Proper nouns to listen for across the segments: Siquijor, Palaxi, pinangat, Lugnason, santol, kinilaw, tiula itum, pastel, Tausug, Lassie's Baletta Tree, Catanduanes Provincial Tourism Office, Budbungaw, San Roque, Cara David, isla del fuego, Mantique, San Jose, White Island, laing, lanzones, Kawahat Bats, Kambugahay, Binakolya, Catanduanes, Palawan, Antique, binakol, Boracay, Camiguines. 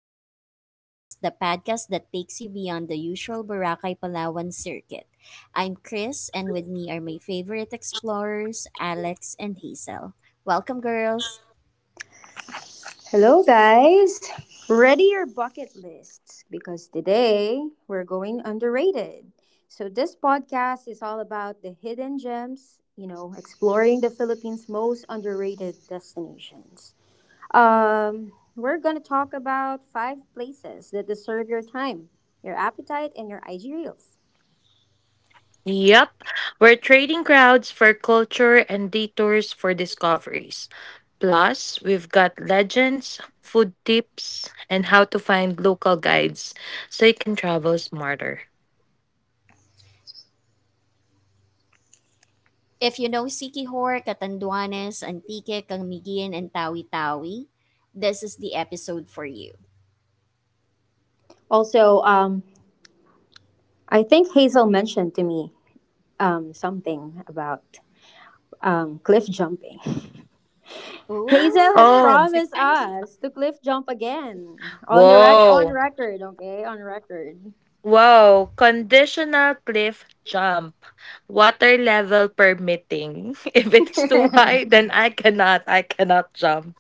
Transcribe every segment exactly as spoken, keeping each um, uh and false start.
to Hidden Gems, the podcast that takes you beyond the usual Boracay Palawan circuit. I'm Chris, and with me are my favorite explorers, Alex and Hazel. Welcome, girls. Hello, guys. Ready your bucket lists because today we're going underrated. So, this podcast is all about the hidden gems, you know, exploring the Philippines' most underrated destinations. Um, we're going to talk about five places that deserve your time, your appetite, and your I G reels. Yep, we're trading crowds for culture and detours for discoveries. Plus, we've got legends, food tips, and how to find local guides so you can travel smarter. If you know Siquijor, Catanduanes, Antique, Canguigin, and Tawi-Tawi, this is the episode for you. Also, um, I think Hazel mentioned to me um, something about um, cliff jumping. Hazel has Ooh, Oh, that's promised exciting. us to cliff jump again on the rec on whoa. record, okay, on record. Whoa, conditional cliff jump, water level permitting. If it's too high, then I cannot, I cannot jump.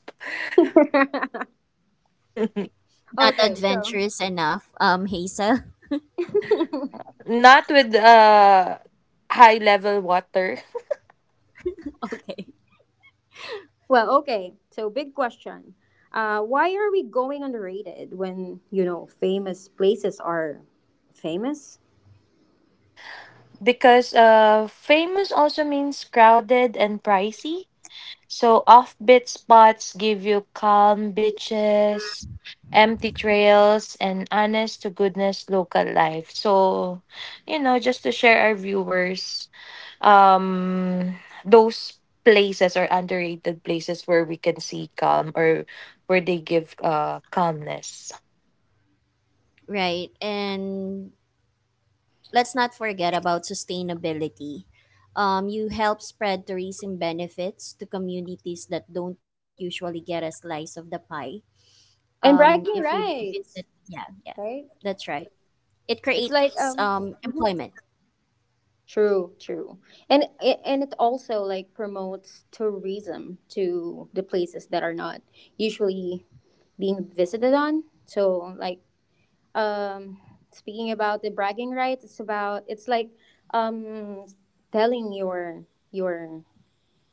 Not okay, so adventurous enough, um, Hazel. Not with uh high level water. Okay. well, okay, so big question. Uh, why are we going underrated when you know famous places are famous Because uh, famous also means crowded and pricey. So offbeat spots give you calm beaches, empty trails, and honest to goodness local life. So, you know, just to share our viewers, um, those places are underrated places where we can see calm or where they give uh calmness. Right. And let's not forget about sustainability. Um, you help spread tourism benefits to communities that don't usually get a slice of the pie. and Um, bragging If we visit, rights, yeah, yeah, right? that's right. It It's like creates um. Um, mhm. employment, True, true, and it, and it also like promotes tourism to the places that are not usually being visited on. So like um speaking about the bragging rights, it's about it's like um telling your your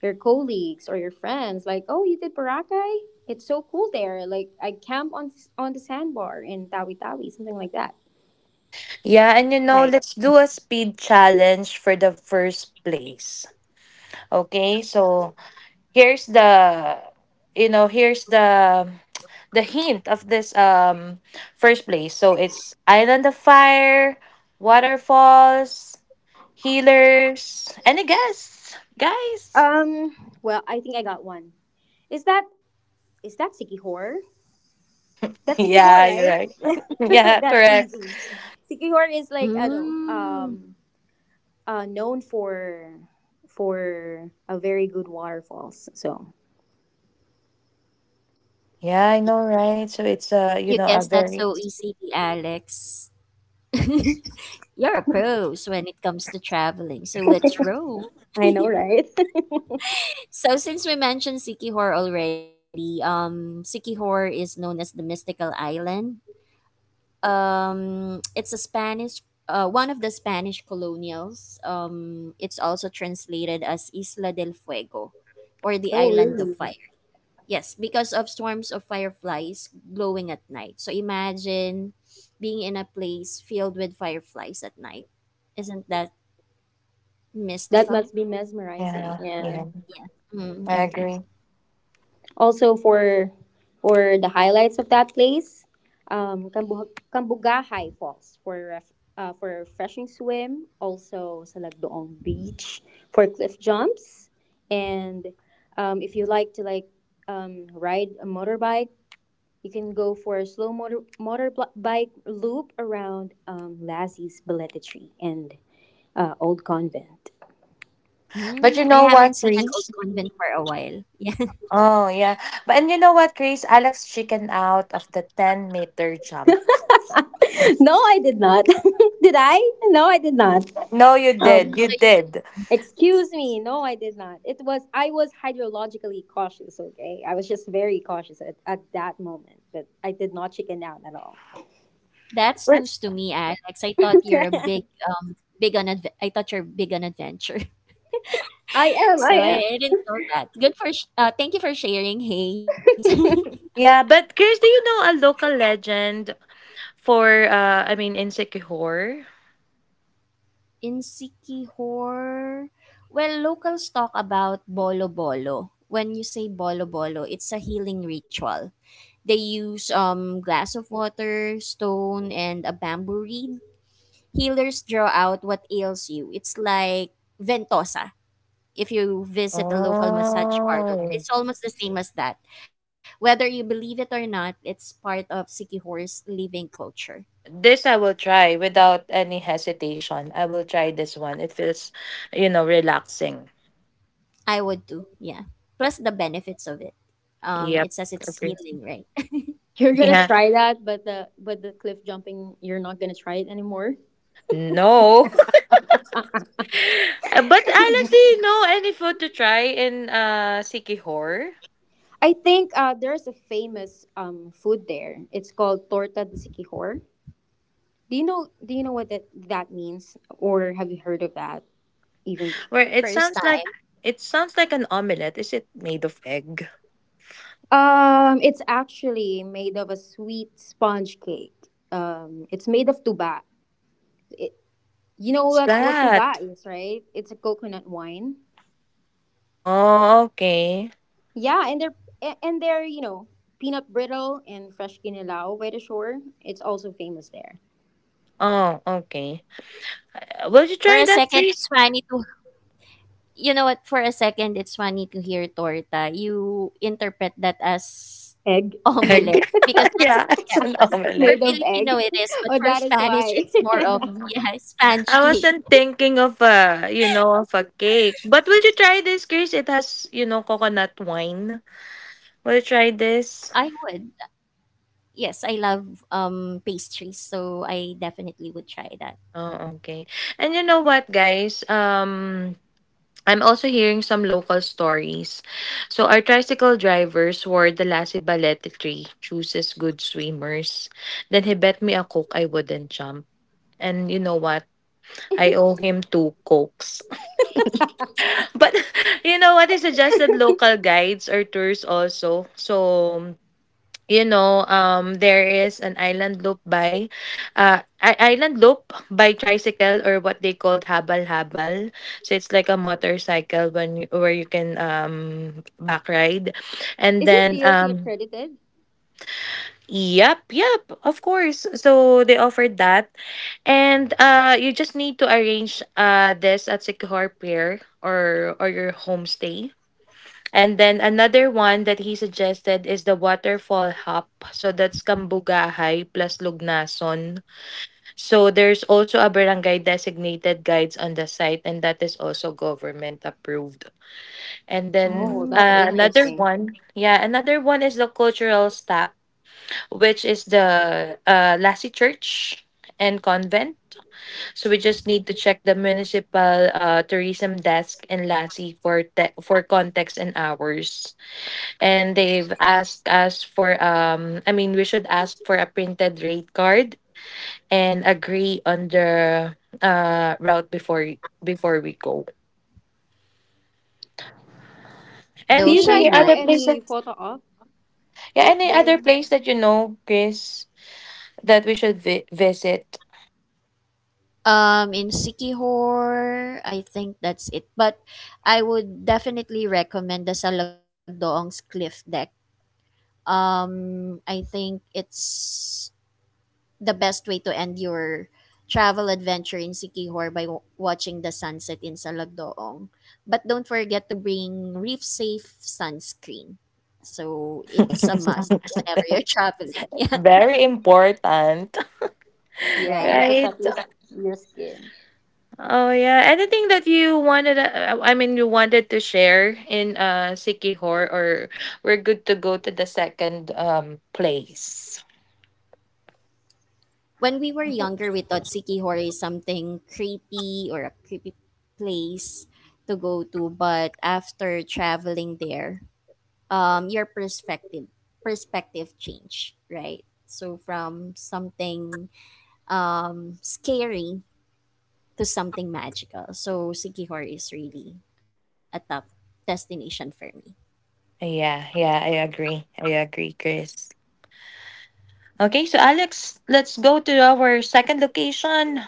your colleagues or your friends like, "Oh, you did Boracay? It's so cool there. Like I camp on on the sandbar in Tawi Tawi, something like that." Yeah, and you know, right? let's do a speed challenge for the first place. Okay, so here's the you know, here's the the hint of this um first place. So it's Island of Fire, Waterfalls, Healers. Any guess, guys? Um well, I think I got one. Is that is that Sikihor? That's Sikihor, Yeah, you're right? right. yeah, That's Correct. easy. Sikihor is like I do ano, um Mm, uh, known for for a very good waterfalls. So Yeah, I know, right? So it's uh, you you know, a guess that's very. so easy, Alex. You're a pros when it comes to traveling, so let's roll. I know, right? So since we mentioned Sikihor already, um, Sikihor is known as the mystical island. Um it's a spanish uh, one of the spanish colonials um It's also translated as Isla del Fuego, or the Oh, island of really? fire. Yes, because of swarms of fireflies glowing at night. So imagine being in a place filled with fireflies at night. Isn't that That mystical? must be mesmerizing. Yeah, Yeah. yeah, Mm, I agree. agree. Also for for the highlights of that place, um, Kambu- Kambugahay Falls for ref- uh, for a refreshing swim. Also Salagdoong Beach for cliff jumps, and um, if you like to like um, ride a motorbike. You can go for a slow motor motorbike loop around um, Lassie's Baletta Tree and uh, Old Convent. But you Mm, I know what, haven't seen an old Chris? convent for a while. Yeah, Oh yeah, but and you know what, Chris? Alex chicken out of the ten meter No, jump. I did not. Did I? No, I did not. No, you did. Um, You so did. Excuse me. No, I did not. It was I was hydrologically cautious. Okay, I was just very cautious at, at that moment, but I did not chicken out at all. that's What? news to me, Alex. I thought you're a big um big on adve- I thought you're big on adventure. I am. So I, I I didn't know that. Good for sh- uh thank you for sharing, Hayes. am. Yeah, but Chris, do you know a local legend for uh I mean in Sikihor? In Sikihor, well, locals talk about bolo bolo. When you say bolo bolo, it's a healing ritual. They use um glass of water, stone, and a bamboo reed. Healers draw out what ails you. It's like ventosa. If you visit a local massage parlor, Oh. it's almost the same as that. Whether you believe it or not, it's part of Sikihore's living culture. This I will try without any hesitation. I will try this one. It feels, you know, relaxing. I would do, yeah. Plus the benefits of it. Um, Yep. It says it's Okay. healing, right? You're gonna Yeah. try that, but the but the cliff jumping, you're not gonna try it anymore. No. Uh, but Alex, do you know any food to try in uh Sikihor? I think uh, there's a famous um food there. It's called torta de siquijor. Do you know Do you know what that that means, or have you heard of that even? Where it First sounds like time. it sounds like an omelette. Is it made of egg? Um, it's actually made of a sweet sponge cake. Um, it's made of tuba. It, you know What's what what that? tuba is, right? It's a coconut wine. Oh, okay. Yeah, and they're a- and they're you know peanut brittle and fresh kinilaw by the shore. It's also famous there. Oh, okay. Uh, Will you For try a that second, fish it's funny to You know what? For a second, it's funny to hear torta. You interpret that as Egg egg? omelette because that's Yeah, it's yeah. an Because for made omelette. of egg. Filipino it is, but Oh, for that is Spanish why. it's more of, Mhm. yeah, I Spanish cake. wasn't thinking of a, you know, of a, cake. But would you try this, Chris? It has, you know, coconut wine. Will you try I this? would. Yes, I love um pastries, so I definitely would try that. Oh, okay. And you know what, guys? Um, I'm also hearing some local stories. So our tricycle driver swore the Lassie Balete tree chooses good swimmers. Then he bet me a coke I wouldn't jump. And you know what? I owe him two cokes. But you know what? He suggested local guides or tours also. So you know, um, there is an island loop by, uh, i- island loop by tricycle or what they called habal habal. So it's like a motorcycle when you, where you can um back ride, and Is it then D O T um accredited? Yep, yep, of course. So they offered that. And uh you just need to arrange uh this at Sikihor Pier or or your homestay. And then another one that he suggested is the waterfall hop. So that's Kambugahay plus Lugnason. So there's also a barangay designated guides on the site, and that is also government approved. And then Oh, Mm, that's that's uh, another nice. interesting. one, yeah, another one is the cultural stop, which is the uh, Lassie Church and Convent. So we just need to check the municipal uh, tourism desk in Lassie for te- for context and hours. And they've asked us for, um I mean, we should ask for a printed rate card and agree on the uh route before before we go. Do you Those are guys Any know other place nice. any that photo op yeah, tip any other there? place that, you know, Chris, that we should vi- visit? Um, in Sikihor, I think that's it. But I would definitely recommend the Salagdoong's Cliff Deck. Um, I think it's the best way to end your travel adventure in Sikihor by w- watching the sunset in Salagdoong. But don't forget to bring reef safe sunscreen. So it's a must whenever you're traveling. Yeah, Very important, Yeah, to right. right? protect your, your skin. Oh, yeah. Anything that you wanted uh, I mean you wanted to share in uh Sikihor, or we're good to go to the second um place. When we were younger, we thought Sikihor is something creepy, or a creepy place to go to. But after traveling there, um, your perspective perspective change, right? So from something um, scary to something magical. So Sikihor is really a top destination for me. Yeah, yeah, I agree. I agree, Chris. Okay, so Alex, let's go to our second location.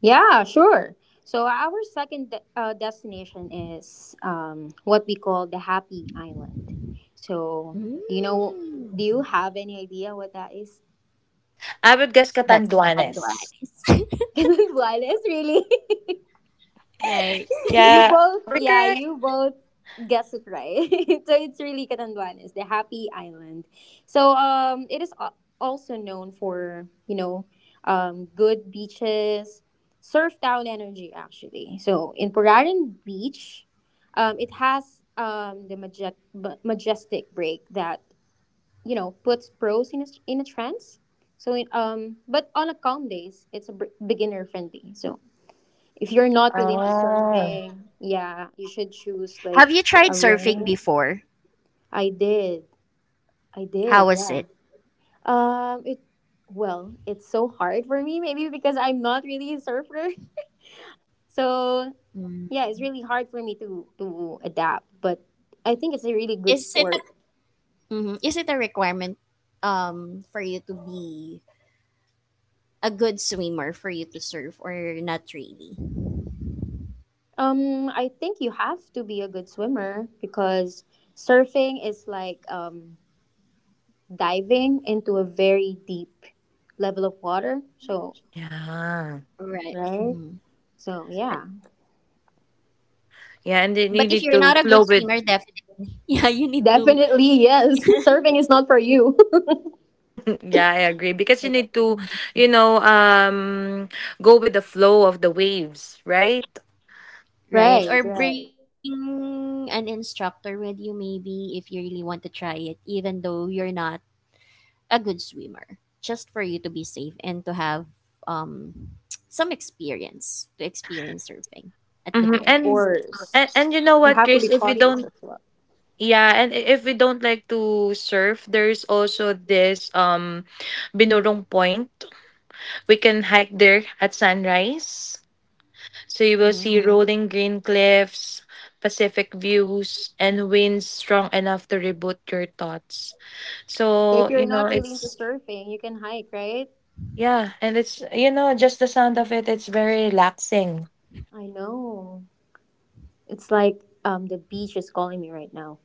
Yeah, sure. So our second de- uh, destination is um, what we call the Happy Island. So do you know? Do you Mm. have any idea what that is? I would guess That's the Catanduanes. Tanduanes. Wireless, really? Right. you Yeah, both, are we yeah, correct? you both guessed it right. So it's really Catanduanes, the Happy Island. So um, it is al- also known for you know um, good beaches, surf town energy actually. So in Puraran Beach, um, it has um, the majet- ma- majestic break that you know puts pros in a, in a trance. So in, um, but on a calm days, it's a br- beginner friendly. So if you're not really into Oh, surfing, yeah, you should choose like Have you tried a surfing learning. before? I did. I did, How was yeah. it? Um it Well, it's so hard for me maybe because I'm not really a surfer. So, Mm. yeah, it's really hard for me to to adapt, but I think it's a really good Is it a, sport. mhm, is it a requirement um for you to be a good swimmer for you to surf, or not really? Um I think you have to be a good swimmer because surfing is like um diving into a very deep level of water. So, yeah. Right. right? Mhm. So yeah, Yeah, and then you But if need you're to not a flow good with. swimmer, definitely, yeah, you need to. definitely yes. Surfing is not for you. Yeah, I agree, because you need to, you know, um go with the flow of the waves, right? Right? Right, Or right. bring an instructor with you, maybe, if you really want to try it, even though you're not a good swimmer, just for you to be safe and to have um, some experience to experience surfing at the Mm-hmm. Of very And, least. course, and and you know you what, have to be Chris, if we cautious don't as well. yeah, and i- if we don't like to surf, there's also this um Binurong Point. We can hike there at sunrise. So you will Mm-hmm. see Mhm. rolling green cliffs, Pacific views, and winds strong enough to reboot your thoughts. So So, if you're you know, not really into it's surfing, you can hike, right? Yeah, and it's you know, just the sound of it. It's very relaxing. I know. It's like um the beach is calling me right now.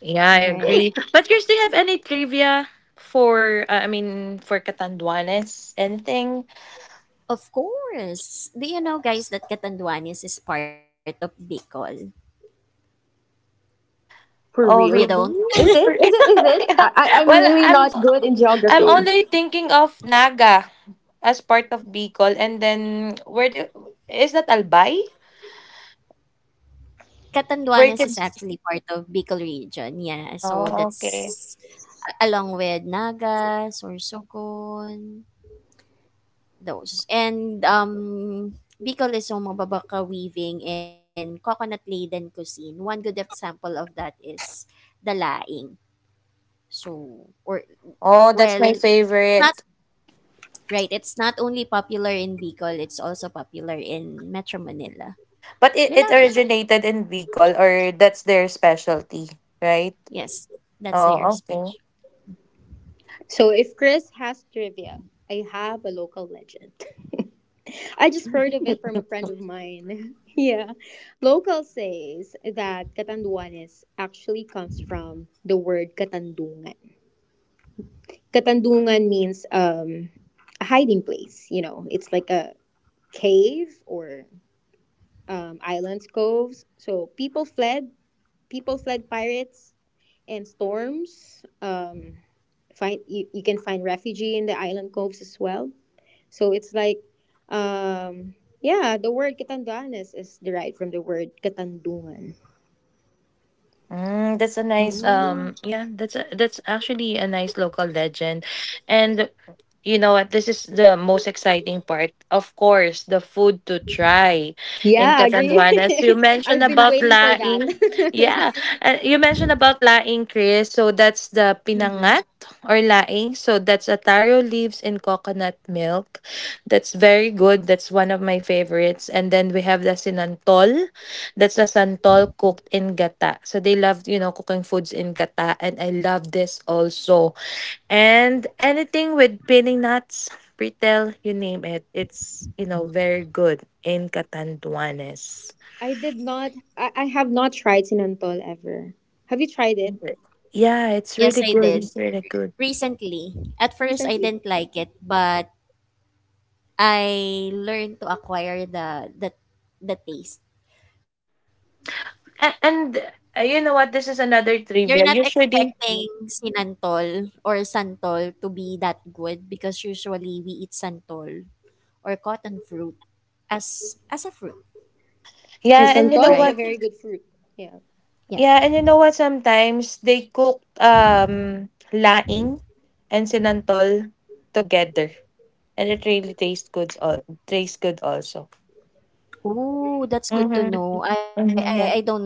Yeah, I Right. agree. But Chris, do you have any trivia for, uh, I mean, for Catanduanes? Anything? Of course. Do you know, guys, that Catanduanes is part of Bicol? For Oh, You real? don't? really? Is it? Or- Is it? Is it? Yeah. I, I I'm Well, really I'm not good in I'm geography. only thinking of Naga as part of Bicol, and then where do is that Albay? Where you Catanduanes can? is actually part of Bicol region. Yeah. So Oh, okay. that's a- along with Naga, Sorsogon, those. And, um, Bicol is home of Babaka weaving and coconut-laden cuisine. One good example of that is the laing. So, or Oh, that's well, my it's not favorite. right. It's not only popular in Bicol; it's also popular in Metro Manila. But it, We it love it. originated in Bicol, or that's their specialty, right? Yes, that's their Oh, okay. special. So if Chris has trivia, I have a local legend. I just heard of it from a friend of mine. Yeah. Local says that Katanduanes actually comes from the word Katandungan. Katandungan means um, a hiding place, you know, it's like a cave or um, islands, coves. So people fled, people fled pirates and storms. Um, find you, you can find refugee in the island coves as well. So it's like, um, yeah, the word Katanduanes is derived from the word Katandungan. Mm, that's a nice, Mm, um yeah, that's a that's actually a nice local legend. And you know what? This is the most exciting part. Of course, the food to try in Yeah, agree. Catanduan. As you mentioned I've been about waiting for that. laing, yeah, uh, you mentioned about laing, Chris. So that's the mhm. pinangat or laing. So that's a taro leaves in coconut milk. That's very good. That's one of my favorites. And then we have the sinantol. That's a santol cooked in gata. So they love, you know, cooking foods in gata. And I love this also, and anything with pining nuts, retail, you name it, it's, you know, very good in Catanduanes. I did not, I, I have not tried sinantol ever. Have you tried it Re- Yeah, it's Yes, really I good. did. It's really good. Recently. At first, I recently? didn't like it, but I learned to acquire the the the taste. And, and uh, you know what? This is another You're not trivia. Usually, expecting sinantol or santol to be that good because usually we eat santol or cotton fruit as as a fruit, And yeah, and you santol know is right? a what? very good fruit. Yeah. Yeah. Yeah, and you know what? Sometimes they cook um laing and sinantol together, and it really tastes good. All tastes good also. Ooh, that's good to Mm-hmm. know. I I, I Mm-hmm. don't Yeah, know that.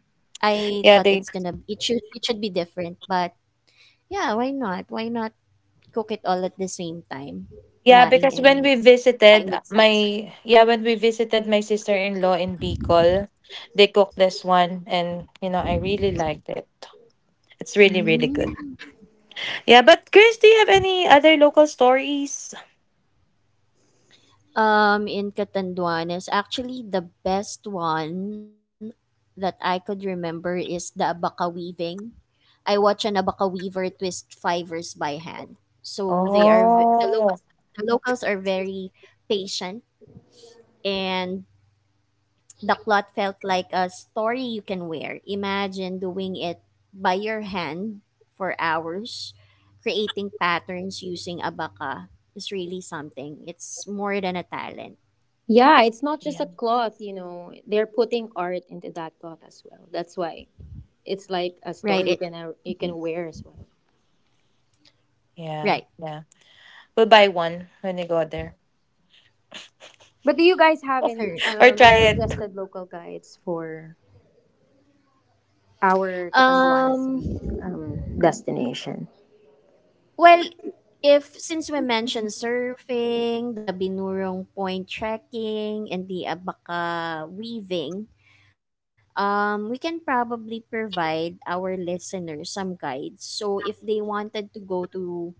I thought it's yeah. gonna They it should it should be different, but yeah, why not? Why not cook it all at the same time? Yeah, Laing because when and we laing visited with uh, santol. my yeah, when we visited my sister-in-law in Bicol, they cooked this one, and you know, I really liked it. It's really really good. Mm. Yeah, but Chris, do you have any other local stories? Um, in Catanduan is actually the best one that I could remember is the abaca weaving. I watch an abaca weaver twist fibers by hand. So they are v- the Oh. locals. The locals are very patient, and the cloth felt like a story you can wear. Imagine doing it by your hand for hours, creating patterns using abaca is really something. It's more than a talent. Yeah, it's not just Yeah. a cloth, you know. They're putting art into that cloth as well. That's why it's like Right. a It. story you can uh, Mhm. you can wear as well. Yeah, Right. yeah. We'll buy one when we go there. But do you guys have any Correct. Or try um, it. suggested local guides for our Catanduanes Um. re- um, destination. Well, if since we mentioned surfing, the Binurong Point trekking, and the Abaca weaving, um, we can probably provide our listeners some guides. So if they wanted to go to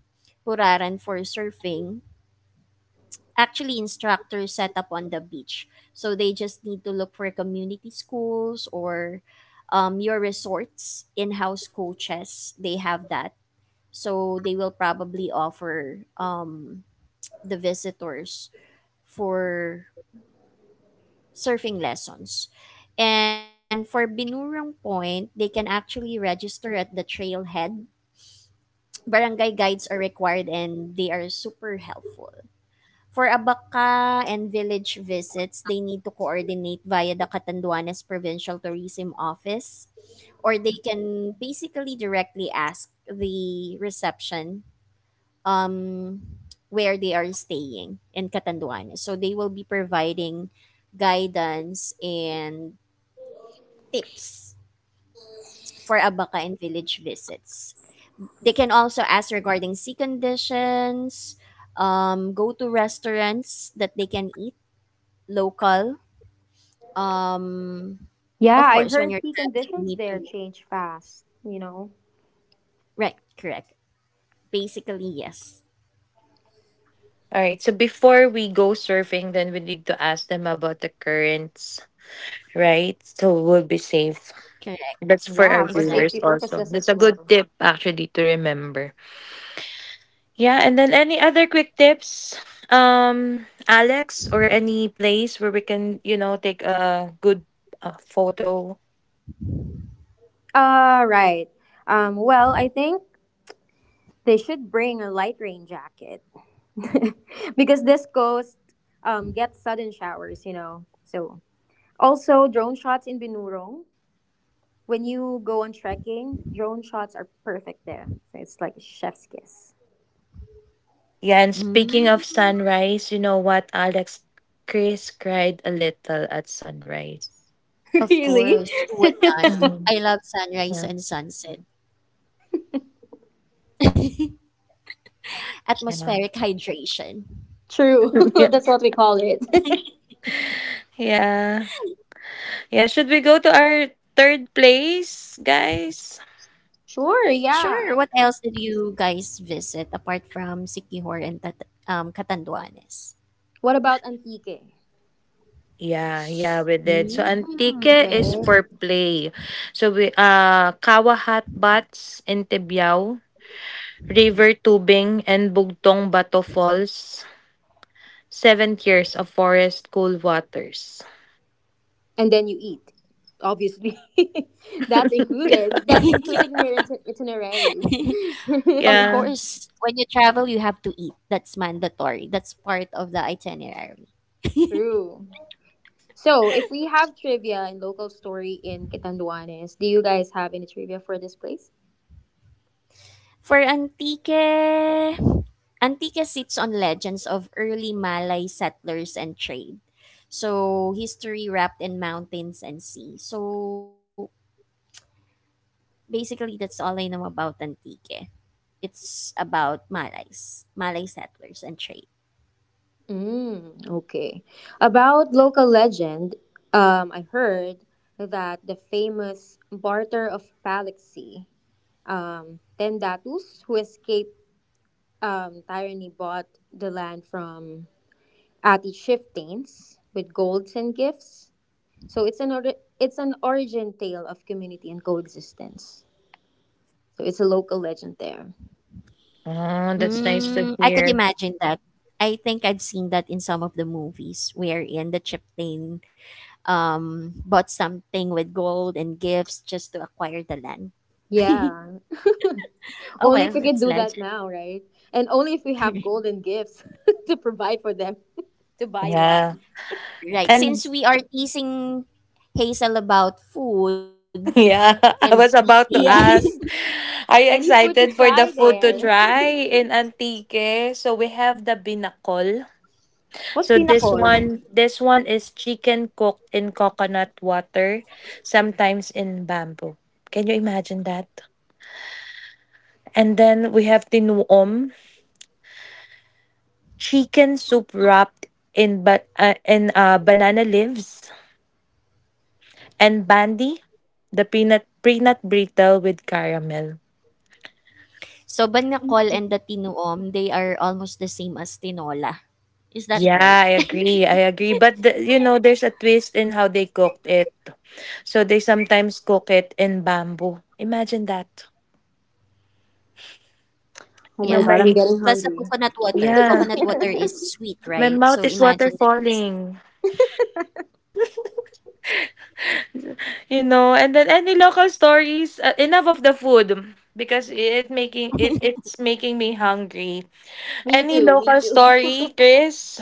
Puraran for surfing, actually instructors set up on the beach. So they just need to look for community schools or um, your resorts, in house coaches. They have that. So they will probably offer um, the visitors for surfing lessons. And for Binurong Point, they can actually register at the trailhead. Barangay guides are required and they are super helpful. For Abaca and village visits, they need to coordinate via the Catanduanes Provincial Tourism Office, or they can basically directly ask the reception um, where they are staying in Catanduanes. So they will be providing guidance and tips for Abaca and village visits. They can also ask regarding sea conditions, um, go to restaurants that they can eat local. Um, Yeah, of I course, when heard you're the traveling, you conditions need there to. change fast, you know. Right, correct. Basically, yes. All right. So before we go surfing, then we need to ask them about the currents, right? So we'll be safe. Correct, That's for our Yeah, for exactly. viewers safety also. purposes That's as a good well. tip actually to remember. Yeah, and then any other quick tips, um, Alex, or any place where we can, you know, take a good, uh, photo. Uh, right. Um, well, I think they should bring a light rain jacket because this coast um, gets sudden showers, you know. So, also drone shots in Binurong. When you go on trekking, drone shots are perfect there. So it's like a chef's kiss. Yeah, and speaking of Mm, sunrise, you know what, Alex, Chris cried a little at sunrise. of Really? course, who would not? Mhm. I love sunrise Yeah. and sunset. Yeah. Atmospheric hydration. True. Yeah. That's what we call it. Yeah. Yeah. Should we go to our third place, guys? Sure, Sure, yeah. what else did you guys visit apart from Sikihor and Tat- um, Catanduanes? What about Antique? Yeah, yeah, we did. So Mm. Antique is Right. for play. So we uh Kawahat Bats in Tibyao, River Tubing and Bugtong Bato Falls, Seven Years of Forest Cool Waters. And then you eat. Obviously. That's included. That's included in your iti- itinerary. Of Yeah. course, when you travel, you have to eat. That's mandatory. That's part of the itinerary. True. So, if we have trivia and local story in Catanduanes, do you guys have any trivia for this place? For Antique, Antique sits on legends of early Malay settlers and trade. So, history wrapped in mountains and sea. So, basically, that's all I know about Antique. It's about Malays, Malay settlers and trade. Mm, okay. About local legend, um, I heard that the famous barter of Palaxi, Um, Tendatus, who escaped um, tyranny, bought the land from Artishiptains with golds and gifts. So it's an ori- it's an origin tale of community and coexistence. So it's a local legend there. Oh, that's nice to Mm, I could hear. imagine that. I think I've seen that in some of the movies wherein the chieftain um, bought something with gold and gifts just to acquire the land. Yeah, Oh only well, if we could that's do that legend. now, right? And only if we have golden gifts to provide for them to buy Yeah. land. Right. And. Since we are teasing Hazel about food Yeah, and I was eating, about to Yeah, ask, are you any food to excited for the try food to there. try in Antique? So we have the binakol. What's So this pinakol? one this one is chicken cooked in coconut water, sometimes in bamboo. Can you imagine that? And then we have tinuom, chicken soup wrapped in ba- uh, in uh, banana leaves, and bandi, the peanut peanut brittle with caramel. so Banacol and the Tinuom, they are almost the same as Tinola. Is that Yeah, right? I agree. I agree. But the, you know, there's a twist in how they cooked it. So they sometimes cook it in bamboo. Imagine that. Oh You know, my Yeah. god, I'm my getting Plus the hungry. coconut water. yeah. Coconut water is sweet, My right? mouth So is water imagine the taste. falling. You know, and then any local stories. Uh, enough of the food because it making it it's making me hungry. Me Any too, me local too. story, Chris?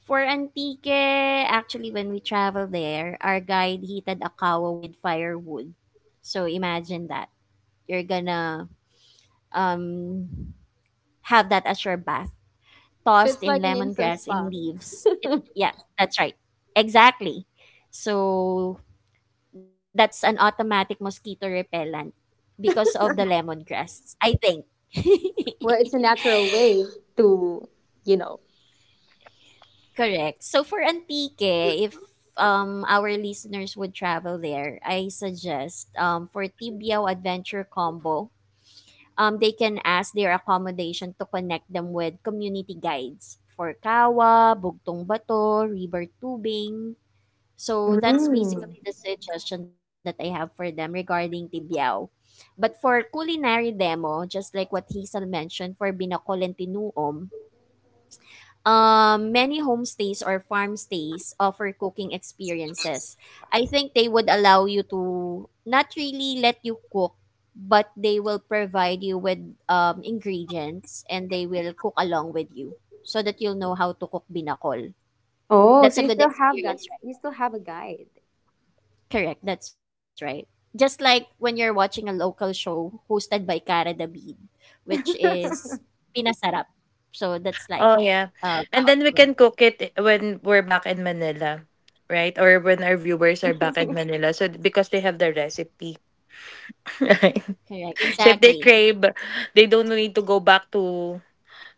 For Antique, actually, when we travel there, our guide heated a kawa with firewood. So imagine that. You're gonna um, have that as your bath, So tossed it's like in an instant lemongrass spa and leaves. It, yeah, that's right. Exactly. So that's an automatic mosquito repellent because of the lemongrass, I think. where it's a natural way to, you know. Correct. So for Antique, if um our listeners would travel there, I suggest um for Tibiao Adventure Combo, um they can ask their accommodation to connect them with community guides for Kawa, Bugtong Bato, River Tubing. So that's Mm. basically the suggestion that I have for them regarding Tibiao. But for culinary demo, just like what Hazel mentioned for Binacol and Tinuom, um, many homestays or farm stays offer cooking experiences. I think they would allow you to not really let you cook, but they will provide you with um, ingredients and they will cook along with you so that you'll know how to cook Binacol. Oh, so you That's a still good have that. You experience. still have a guide. Correct, that's right. Just like when you're watching a local show hosted by Cara David, which To is Pinasarap. So that's Oh like yeah, and uh then we can yeah, cook it when we're back in Manila, right? Or when our viewers are back in Manila, so because they have the recipe, right? correct, So if they exactly. crave, they don't need to go back to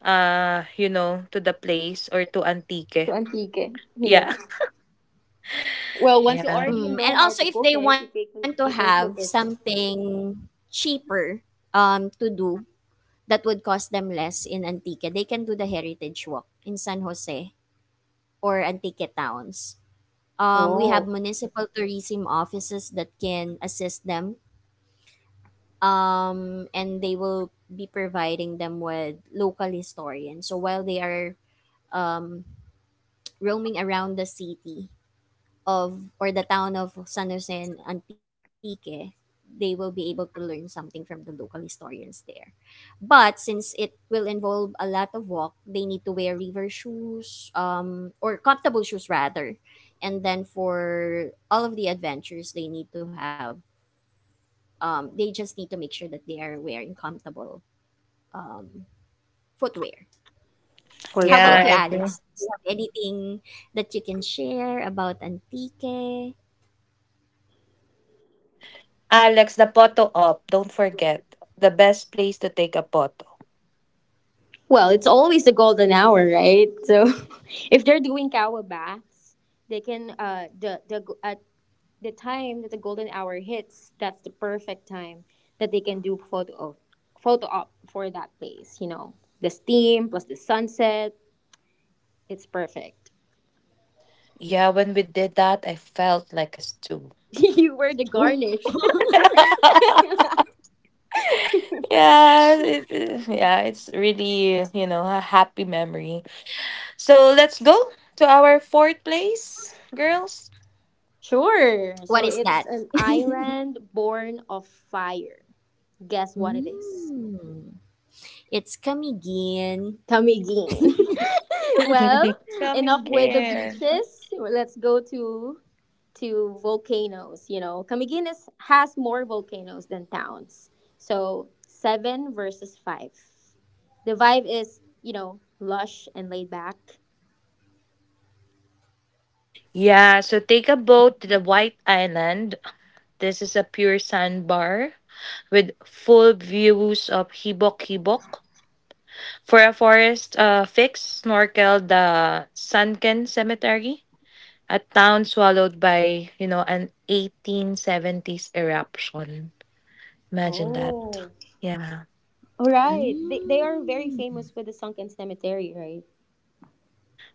uh you know to the place or to Antique. Antique. Yeah. Yeah. Well, once you Yeah. already Mm, and know how also to if cook they it, want you to can have you can cook it. something cheaper um to do that would cost them less in Antique, they can do the heritage walk in San Jose or Antique towns. Um, we have Oh, municipal tourism offices that can assist them, um, and they will be providing them with local historians. So while they are um, roaming around the city of or the town of San Jose and Antique, they will be able to learn something from the local historians there. But since it will involve a lot of walk, they need to wear river shoes, um, or comfortable shoes rather. And then for all of the adventures, they need to have um, they just need to make sure that they are wearing comfortable um, footwear. for How sure. Yeah, about you, I agree. Alex? Do you have anything that you can share about antique? Alex, the photo op. Don't forget the best place to take a photo. Well, it's always the golden hour, right? So, if they're doing kawa baths, they can uh the the go- at the time that the golden hour hits, that's the perfect time that they can do photo op, photo op for that place. You know, the steam plus the sunset, it's perfect. Yeah, when we did that, I felt like a stew. You were the What garnish. yeah, it, it- yeah, it's really, you know, a happy memory. So let's go to our fourth place, girls. Sure. So is it's that? an island born of fire. Guess what it is? Mm, it's Camiguin. Tamigin. Well, enough Coming with the here. beaches. Let's go to to volcanoes. You know, Camiguines has more volcanoes than towns. So seven versus five. The vibe is, you know, lush and laid back. Yeah, so take a boat to the White Island. This is a pure sandbar with full views of Hibok Hibok. For a forest, uh, fix, snorkel the Sunken Cemetery, a town swallowed by, you know, an eighteen seventies eruption. Imagine that. Oh, Yeah. all right. They, they are Mm, very famous with the sunken cemetery, right?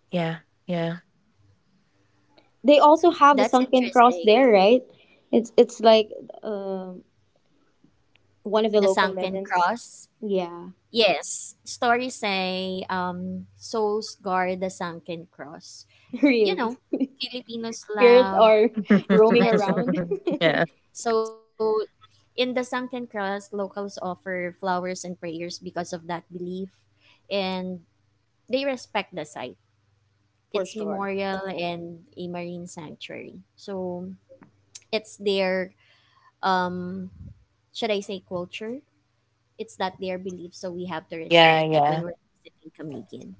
Yeah. Yeah. They also have the that's sunken cross interesting. there, right? It's it's like um one of the The local Sunken legends. Cross. Yeah, Yes, stories say um, souls guard the sunken cross. You really. know, Filipinos Spirits love are roaming legends. around Yeah. So, in the sunken cross, locals offer flowers and prayers because of that belief, and they respect the site, for its sure. memorial, and a marine sanctuary. So, it's their, um, should I say, culture? It's that their belief, so we have to Yeah. respect that when Yeah. we're visiting Camiguin.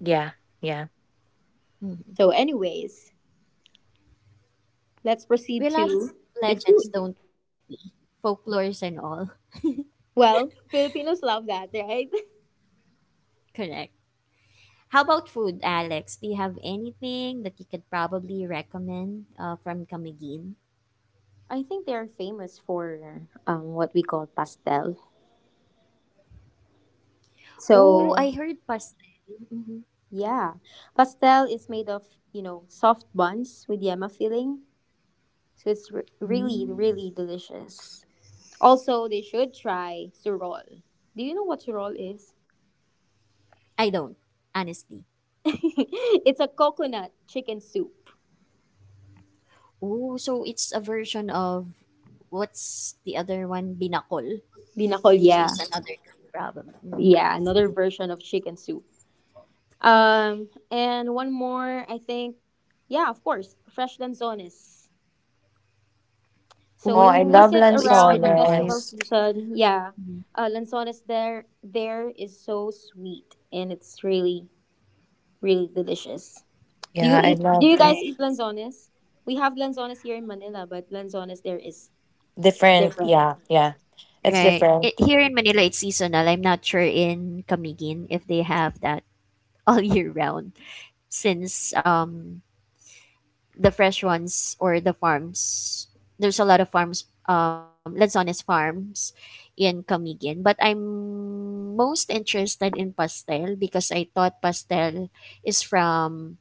Yeah. Yeah. Mhm. So, anyways, let's We proceed love to the legends, food. don't we? Folklores and all. Well, Filipinos love that, right? Correct. How about food, Alex? Do you have anything that you could probably recommend uh, from Camiguin? I think they are famous for um, what we call pastel. Oh, So, I heard pastel. Mhm. yeah, pastel is made of, you know, soft buns with yema filling. So it's re- really, Mm. really delicious. Also, they should try surol. Do you know what surol is? I don't, honestly. It's a coconut chicken soup. Oh, so it's a version of what's the other one? Binakol. Binakolya. So Yeah, it's another kind, probably. Mhm. yeah, another version of chicken soup. Um, and one more, I think, yeah, of course, fresh lanzones. So Oh, if I you Oh, love visit it's been a around the while. festival Lanzones. season, yeah, Mhm. uh, lanzones there there is so sweet and it's really really delicious. Do you Yeah, I eat? Do you loved guys it. Right, eat lanzones? We have lanzones here in Manila, but lanzones there is Different. different. Yeah. Yeah. It's right. different. It, here in Manila, it's seasonal. I'm not sure in Camiguin if they have that all year round since um the fresh ones or the farms. There's a lot of farms, um, Lanzones farms in Camiguin. But I'm most interested in pastel because I thought pastel is from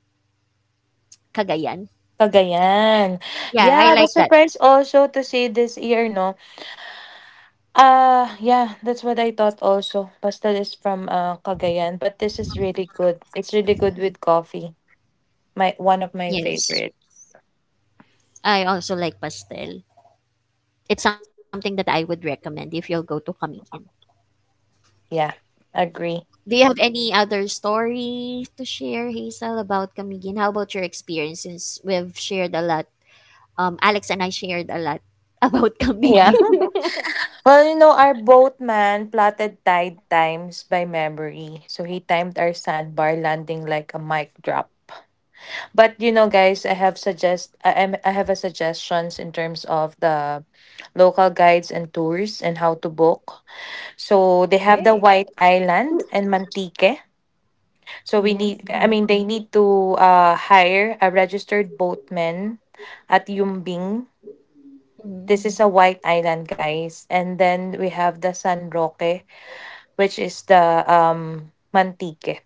Cagayan. Cagayan. Yeah, Yeah, I I like was that. surprised also to see this year, no? Uh, yeah, that's what I thought also. Pastel is from, uh, Cagayan, but this is really good. It's really good with coffee. My one of my Yes. favorites. I also like pastel. It's something that I would recommend if you'll go to Camiguin. Yeah, agree. Do you have any other story to share, Hazel, about Camiguin? How about your experiences? We've shared a lot um, Alex and I shared a lot about Yeah. kamigig. Okay. Well, you know, our boatman plotted tide times by memory. So he timed our sandbar landing like a mic drop. But you know, guys, I have suggest I am I have a suggestions in terms of the local guides and tours and how to book. So they Mhm, have the White Island and Mantique. So we Mm-hmm. need, I mhm, mean, they need to, uh, hire a registered boatman at Yumbing. mhm. This is a White Island, guys. And then we have the San Roque, which is the um, Mantique.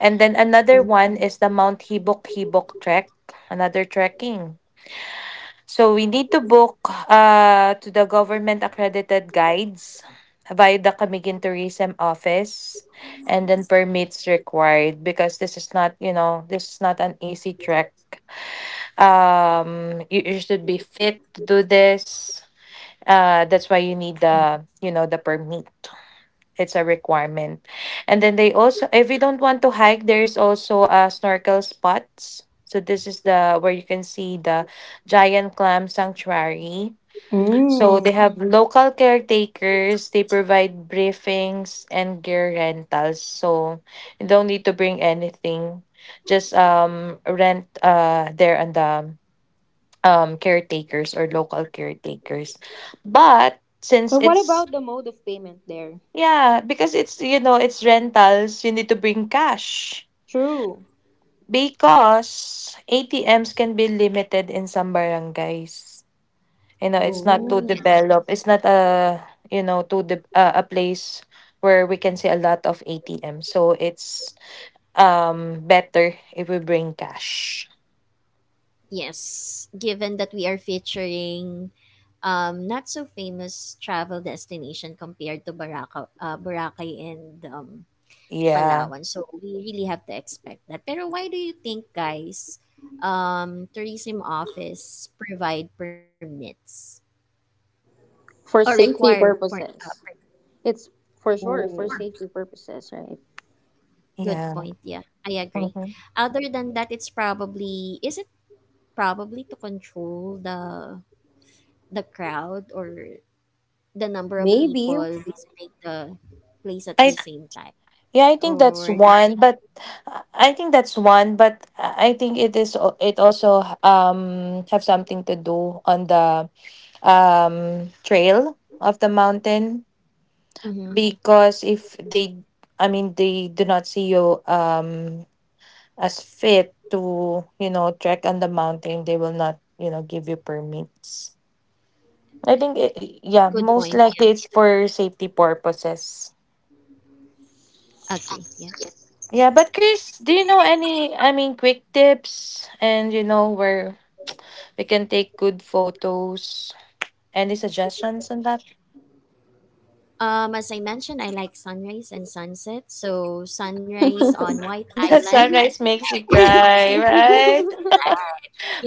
And then another Oh, one is the Mount Hibok Hibok Trek, another trekking. So we need to book uh, to the government accredited guides via the Camiguin Tourism Office and then permits required because this is not, you know, this is not an easy trek. Um you, you should be fit to do this. Uh that's why you need the, you know, the permit. It's a requirement. And then they also, if you don't want to hike, there's also uh, snorkel spots. So this is the where you can see the giant clam sanctuary. So Mm. they have local caretakers. They provide briefings and gear rentals. So you don't need to bring anything. Just um rent uh there and the um caretakers or local caretakers. But since But what it's about the mode of payment there? Yeah, because it's, you know, it's rentals, you need to bring cash. True. Because A T Ms can be limited in some barangays. You know, it's not oh. too Mm. Yes. developed. It's not a, you know, too de- uh, a place where we can see a lot of A T Ms. So it's um better if we bring cash. Yes. Given that we are featuring um, not so famous travel destination compared to Baraka, uh, Boracay and um, Yeah. Palawan. So we really have to expect that. Pero why do you think, guys, um, tourism office provide permits or For require safety per- uh, purposes. It's for sure oh, for safety purposes, right? good Yeah. point. Yeah, I agree. Mhm. Other than that, it's probably is it probably to control the the crowd or the number of Maybe. people visiting the place at I the same time Yeah, I think that's or not one, really. but uh, I think that's one, but uh, I think it is al- it also um have something to do on the um trail of the mountain Mm-hmm. because if they I mean they do not see you um as fit to, you know, trek on the mountain, they will not, you know, give you permits. I think it, yeah, Good most point. Yeah, likely it's for safety purposes. agree. Yeah. Yeah, but Chris, do you know any, I mean, quick tips and, you know, where we can take good photos? Any suggestions on that? Um, as I mentioned, I like sunrise and sunset. So sunrise on White Because Island. sunrise makes you cry, right?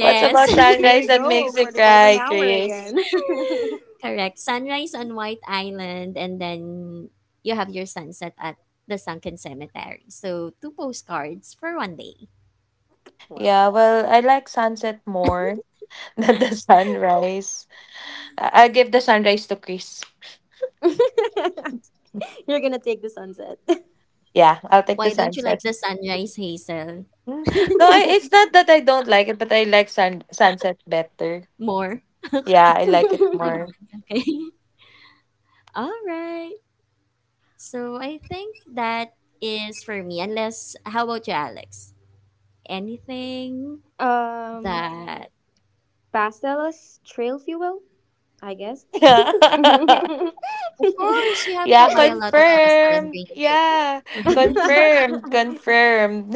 What's about Here sunrise we that go makes you for the golden cry, hour Chris? again. Correct. Sunrise on White Island, and then you have your sunset at the Sunken Cemetery. So, two postcards for one day. Wow. Yeah, well, I like sunset more than the sunrise. I- I'll give the sunrise to Chris. You're gonna take the sunset. Yeah, I'll take Why the don't you like sunset. the sunrise, Hazel, Mm. No, I, it's not that I don't like it, but I like sun sunset better. more? Yeah, Okay. I like it more. Agree. Okay. All right. So, I think that is for me. Unless, how about you, Alex? Anything um, that, Pastella's trail fuel, I guess. Yeah. of course, you have to Yeah, buy a lot of pastel and confirmed. bring it with you, Yeah, right? confirmed. Confirmed.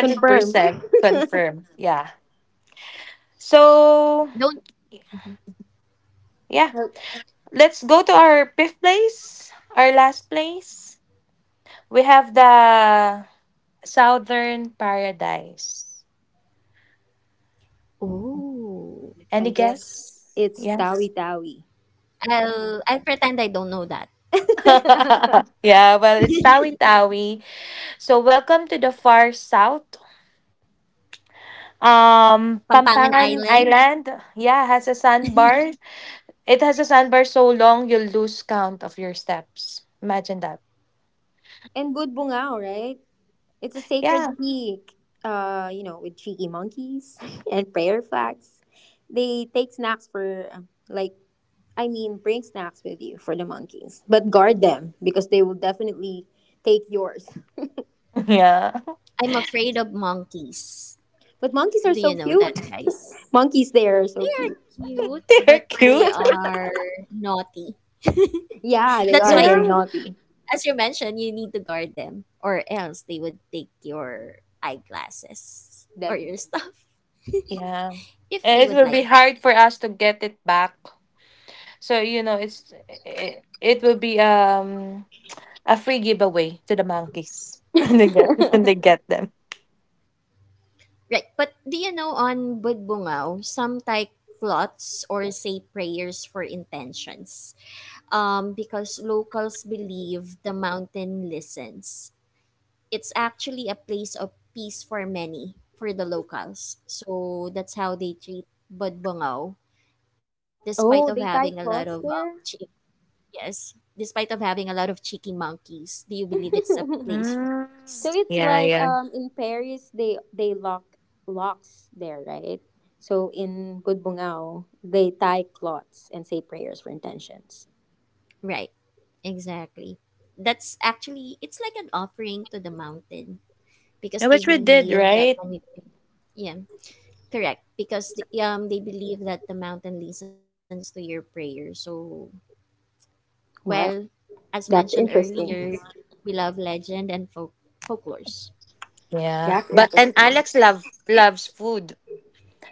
Confirmed. confirmed. Yeah. So, Don't. yeah, let's go to our fifth place, our last place. We have the Southern Paradise. Oh. I Any guess guess? it's Yes. Tawi Tawi. I'll I'll pretend I don't know that. Yeah, well, it's Tawi Tawi. So welcome to the far south. Um, Pampangan Pampangan Island, Island, yeah, has a sandbar. It has a sandbar so long you'll lose count of your steps. Imagine that. And Budbungao, right? It's a sacred Yeah. peak, uh, you know, with cheeky monkeys and prayer flags. They take snacks for, uh, Like, I mean, bring snacks with you for the monkeys, but guard them because they will definitely take yours. Yeah. I'm afraid of monkeys. But monkeys are Do you so know that, cute. guys? Monkeys there are They so are cute. cute, They're but they cute. are naughty. Yeah, they That's are why, very Yeah. naughty. as you mentioned, you need to guard them, or else they would take your eyeglasses or your Definitely. stuff Yeah. if And they it would will be like it. hard for us to get it back. So, you know, it's it, it will be um a free giveaway to the monkeys when they get when they get them. Right. But do you know on Budbungaw, some type cloths or say prayers for intentions? Um, because locals believe the mountain listens. It's actually a place of peace for many, for the locals. So that's how they treat Budbongaw, despite of Oh, having a they lot tie of um, cloths chi- there? yes, despite of having a lot of cheeky monkeys. Do you believe it's a place for Mm. peace? So it's Yeah, like yeah. um in Paris they they lock locks there, right? So in Budbungao they tie cloths and say prayers for intentions. Right, exactly. That's actually it's like an offering to the mountain because Yeah, they which we did, believe that right? when it yeah. Correct, because the, um they believe that the mountain listens to your prayer. So, well, Wow, as mentioned that's earlier, interesting. we love legend and folk folklores. Yeah. That's But and interesting. Alex love loves food.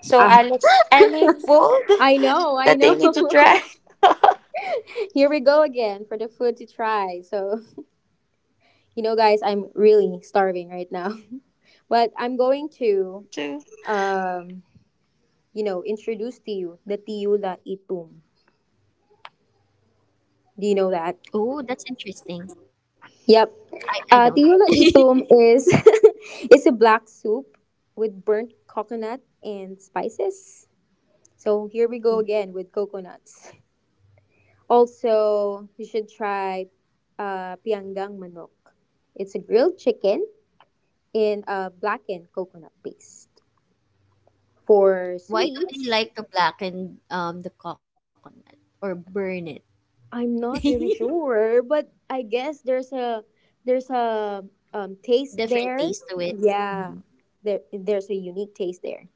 So Ah. Alex, any food I know, I that they know. need to try? Here we go again for the food to try. So you know, guys, I'm really starving right now, but I'm going Me to too. um you know introduce to you the tiula itum. Do you know that? Oh, that's interesting. Yep. I I Uh, don't. Tinola itom is it's a black soup with burnt coconut and spices. So here we go again with coconuts. Also, you should try uh, pianggang manok. It's a grilled chicken in a blackened coconut paste. For Why do they sweets, like to blacken um the coconut or burn it? I'm not really sure, but I guess there's a there's a um, taste Different there. taste to it. Yeah, Mhm. there there's a unique taste there,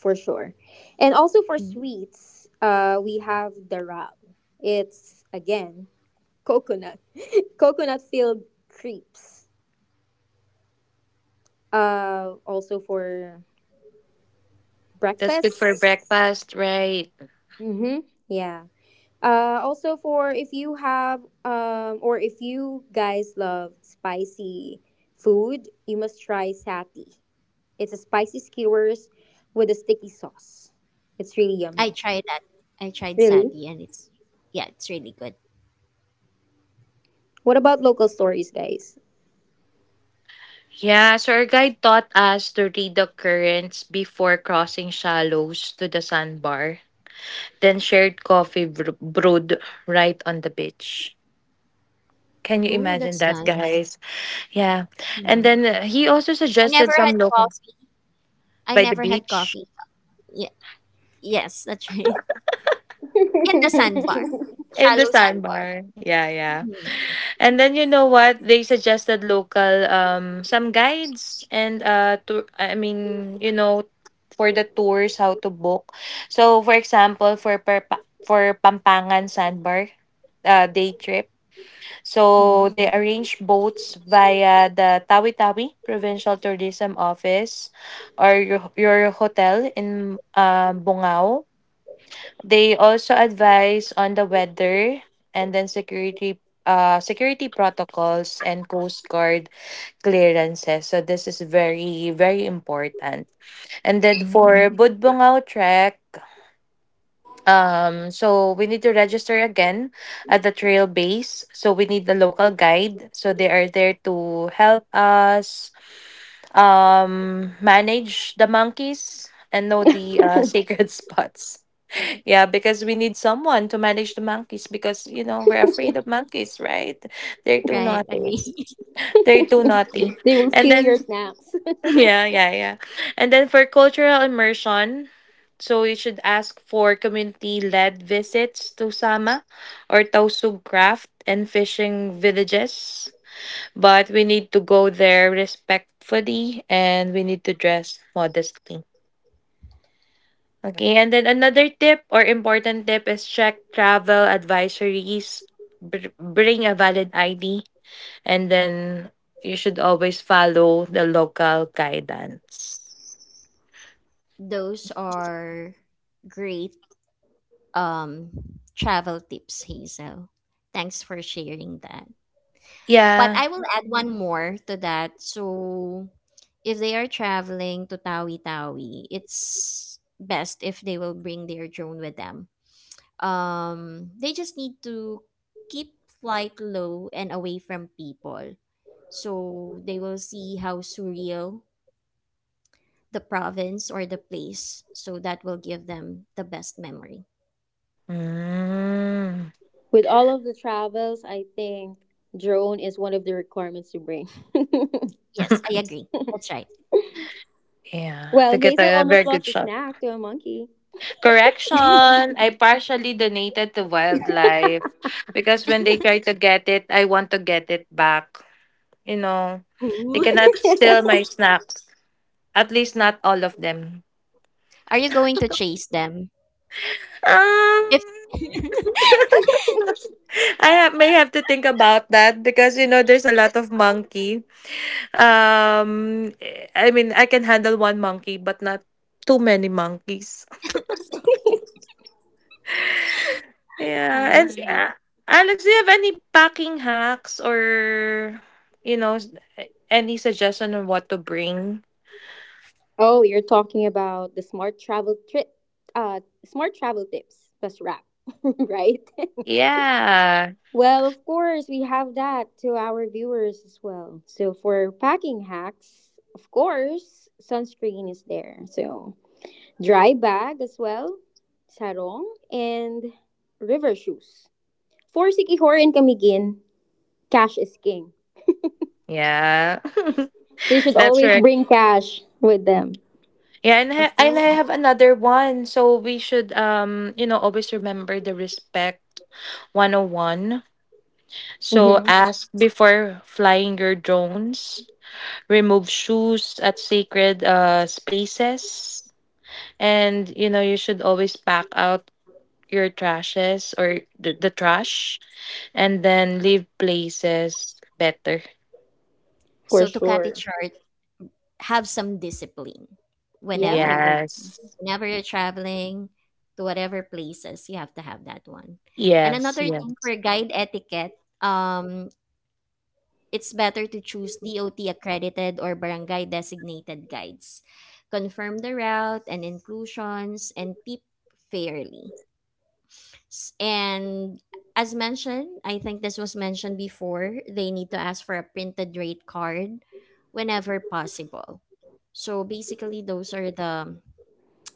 for sure. And also for Mhm. sweets, uh, we have daral. It's again coconut, coconut filled crepes. Uh, also for That's good for breakfast. breakfast, right? Mm-hmm. Yeah. Uh, also for if you have um or if you guys love spicy food, you must try sati. It's a spicy skewers with a sticky sauce. It's really I yummy. tried that. I tried Really? sati, and it's yeah, it's really good. What about local stories, guys? Yeah, so our guide taught us to read the currents before crossing shallows to the sandbar, then shared coffee br- brewed right on the beach. Can you Oh, imagine that's that, nice. guys? Yeah. And Mhm. then uh, he also I suggested never had some locals coffee. I by the never had beach coffee. Yeah. Yes, that's right. In the sandbar, in the shallow sandbar. sandbar. Yeah, yeah. Mhm, And then you know what? They suggested local um some guides and uh tour I mean, you know, for the tours how to book. So for example, for Perpa- for Pampangan Sandbar uh, day trip. mhm. So they arrange boats via the Tawi-Tawi Provincial Tourism Office or your, your hotel in uh, Bungao. They also advise on the weather and then security uh security protocols and coast guard clearances. So this is very very important. And then Mm. for Budbongao trek, um so we need to register again at the trail base. So we need the local guide. So they are there to help us um manage the monkeys and know the uh, sacred spots. Yeah, because we need someone to manage the monkeys because you know we're afraid of monkeys, right? They're too Right, naughty. agree. They're too naughty. They will And steal your then snacks. yeah, yeah, yeah. And then for cultural immersion, so you should ask for community-led visits to Sama or Tausug craft and fishing villages. But we need to go there respectfully and we need to dress modestly. Okay, and then another tip or important tip is check travel advisories. Br- bring a valid I D, and then you should always follow the local guidance. Those are great um travel tips, Hazel. Thanks for sharing that. But Yeah. I will add one more to that. So if they are traveling to Tawi Tawi, it's best if they will bring their drone with them. Um, they just need to keep flight low and away from people. So they will see how surreal the province or the place. So that will give them the best memory. Mm. With all of the travels, I think drone is one of the requirements to bring. Yes, I agree. That's right. Yeah, Well, to get Hazel a very almost good lost a shot. snack to a monkey. Correction, I partially donated to wildlife because when they try to get it, I want to get it back. You know, they Ooh. cannot steal my snacks. At least not all of them. Are you going to chase them? Um, If I ha- may have to think about that because you know there's a lot of monkey. Um, eh, I mean I can handle one monkey, but not too many monkeys. Yeah, I and uh, see. Alex, do you have any packing hacks or you know s- eh, any suggestion on what to bring? Oh, you're talking about the smart travel trip, uh, smart travel tips plus wrap, right? Yeah, Well, of course, we have that to our viewers as well. So, for packing hacks, of course, sunscreen is there. So, dry bag as well, sarong, and river shoes. For Sikihor and Kamigin, cash is king. yeah, They should that's always correct. bring cash with them. Yeah, and I, Of and I course. have another one. So we should um, you know, always remember the respect one oh one. So hmm ask before flying your drones. Remove shoes at sacred uh spaces. And you know, you should always pack out your trashes or the, the trash and then leave places better. For So to cut it sure. short, have some discipline whenever you're Yeah. Yes. whenever you're traveling to whatever places you have to have that one, and Yes, another thing for yes. guide etiquette um it's better to choose dot accredited or barangay designated guides, confirm the route and inclusions and tip fairly. S- and as mentioned I think this was mentioned before, they need to ask for a printed rate card whenever possible. So basically those are the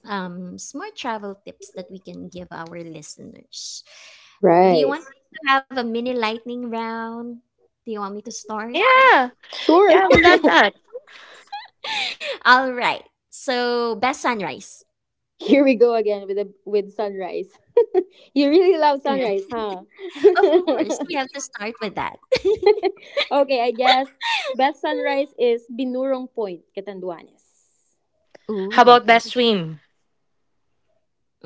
um, smart travel tips that we can give our listeners. Do you Right. want to have a mini lightning round? Do you want me to start? Yeah. Sure. Yeah, we love that. All right. So, best sunrise. Here we go again with the, with sunrise. You really love Correct. sunrise, huh? Of course, we have to start with that. Okay, I guess best sunrise is Binurong Point, Catanduanes. How Ooh, about best good. swim?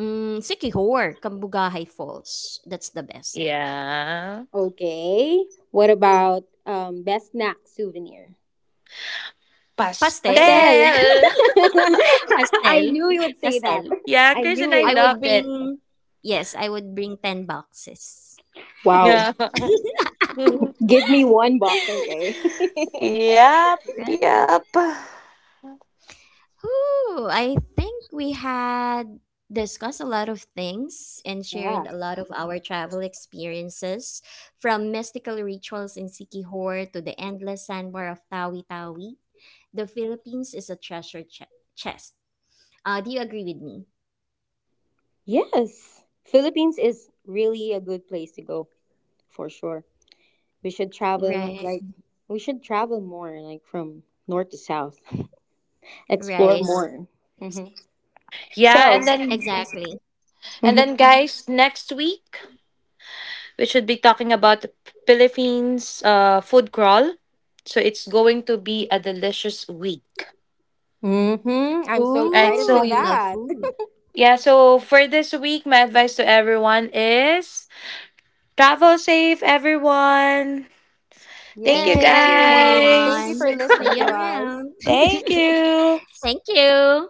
Mm, Sikihor, Kambugahay Falls. That's the best. Yeah. Okay. What about um best snack souvenir? Pastel. Pastel. Pastel. Pastel. I knew you would say that. Pastel. Yeah, I Kirsten, knew I I it. would loved it. bring, yes, I would bring ten boxes. Wow. Yeah. Give me one box, okay? Yep, Right? yep. Ooh, I think we had discussed a lot of things and shared Yeah. a lot of our travel experiences, from mystical rituals in Sikihor to the endless sandbar of Tawi Tawi. The Philippines is a treasure che- chest. Uh, do you agree with me? Yes. Philippines is really a good place to go for sure. We should travel Right, like we should travel more like from north to south. Explore right, more. hmm Yeah, So, and exactly. then and then guys, next week we should be talking about the Philippines uh food crawl. So it's going to be a delicious week. mm-hmm. I'm so Right. excited Ooh, with you So love that. food. yeah, so for this week, my advice to everyone is travel safe, everyone. Thank Thank you you, Yay! Thank guys. you for everyone. listening See you to us. around. Thank you. Thank you.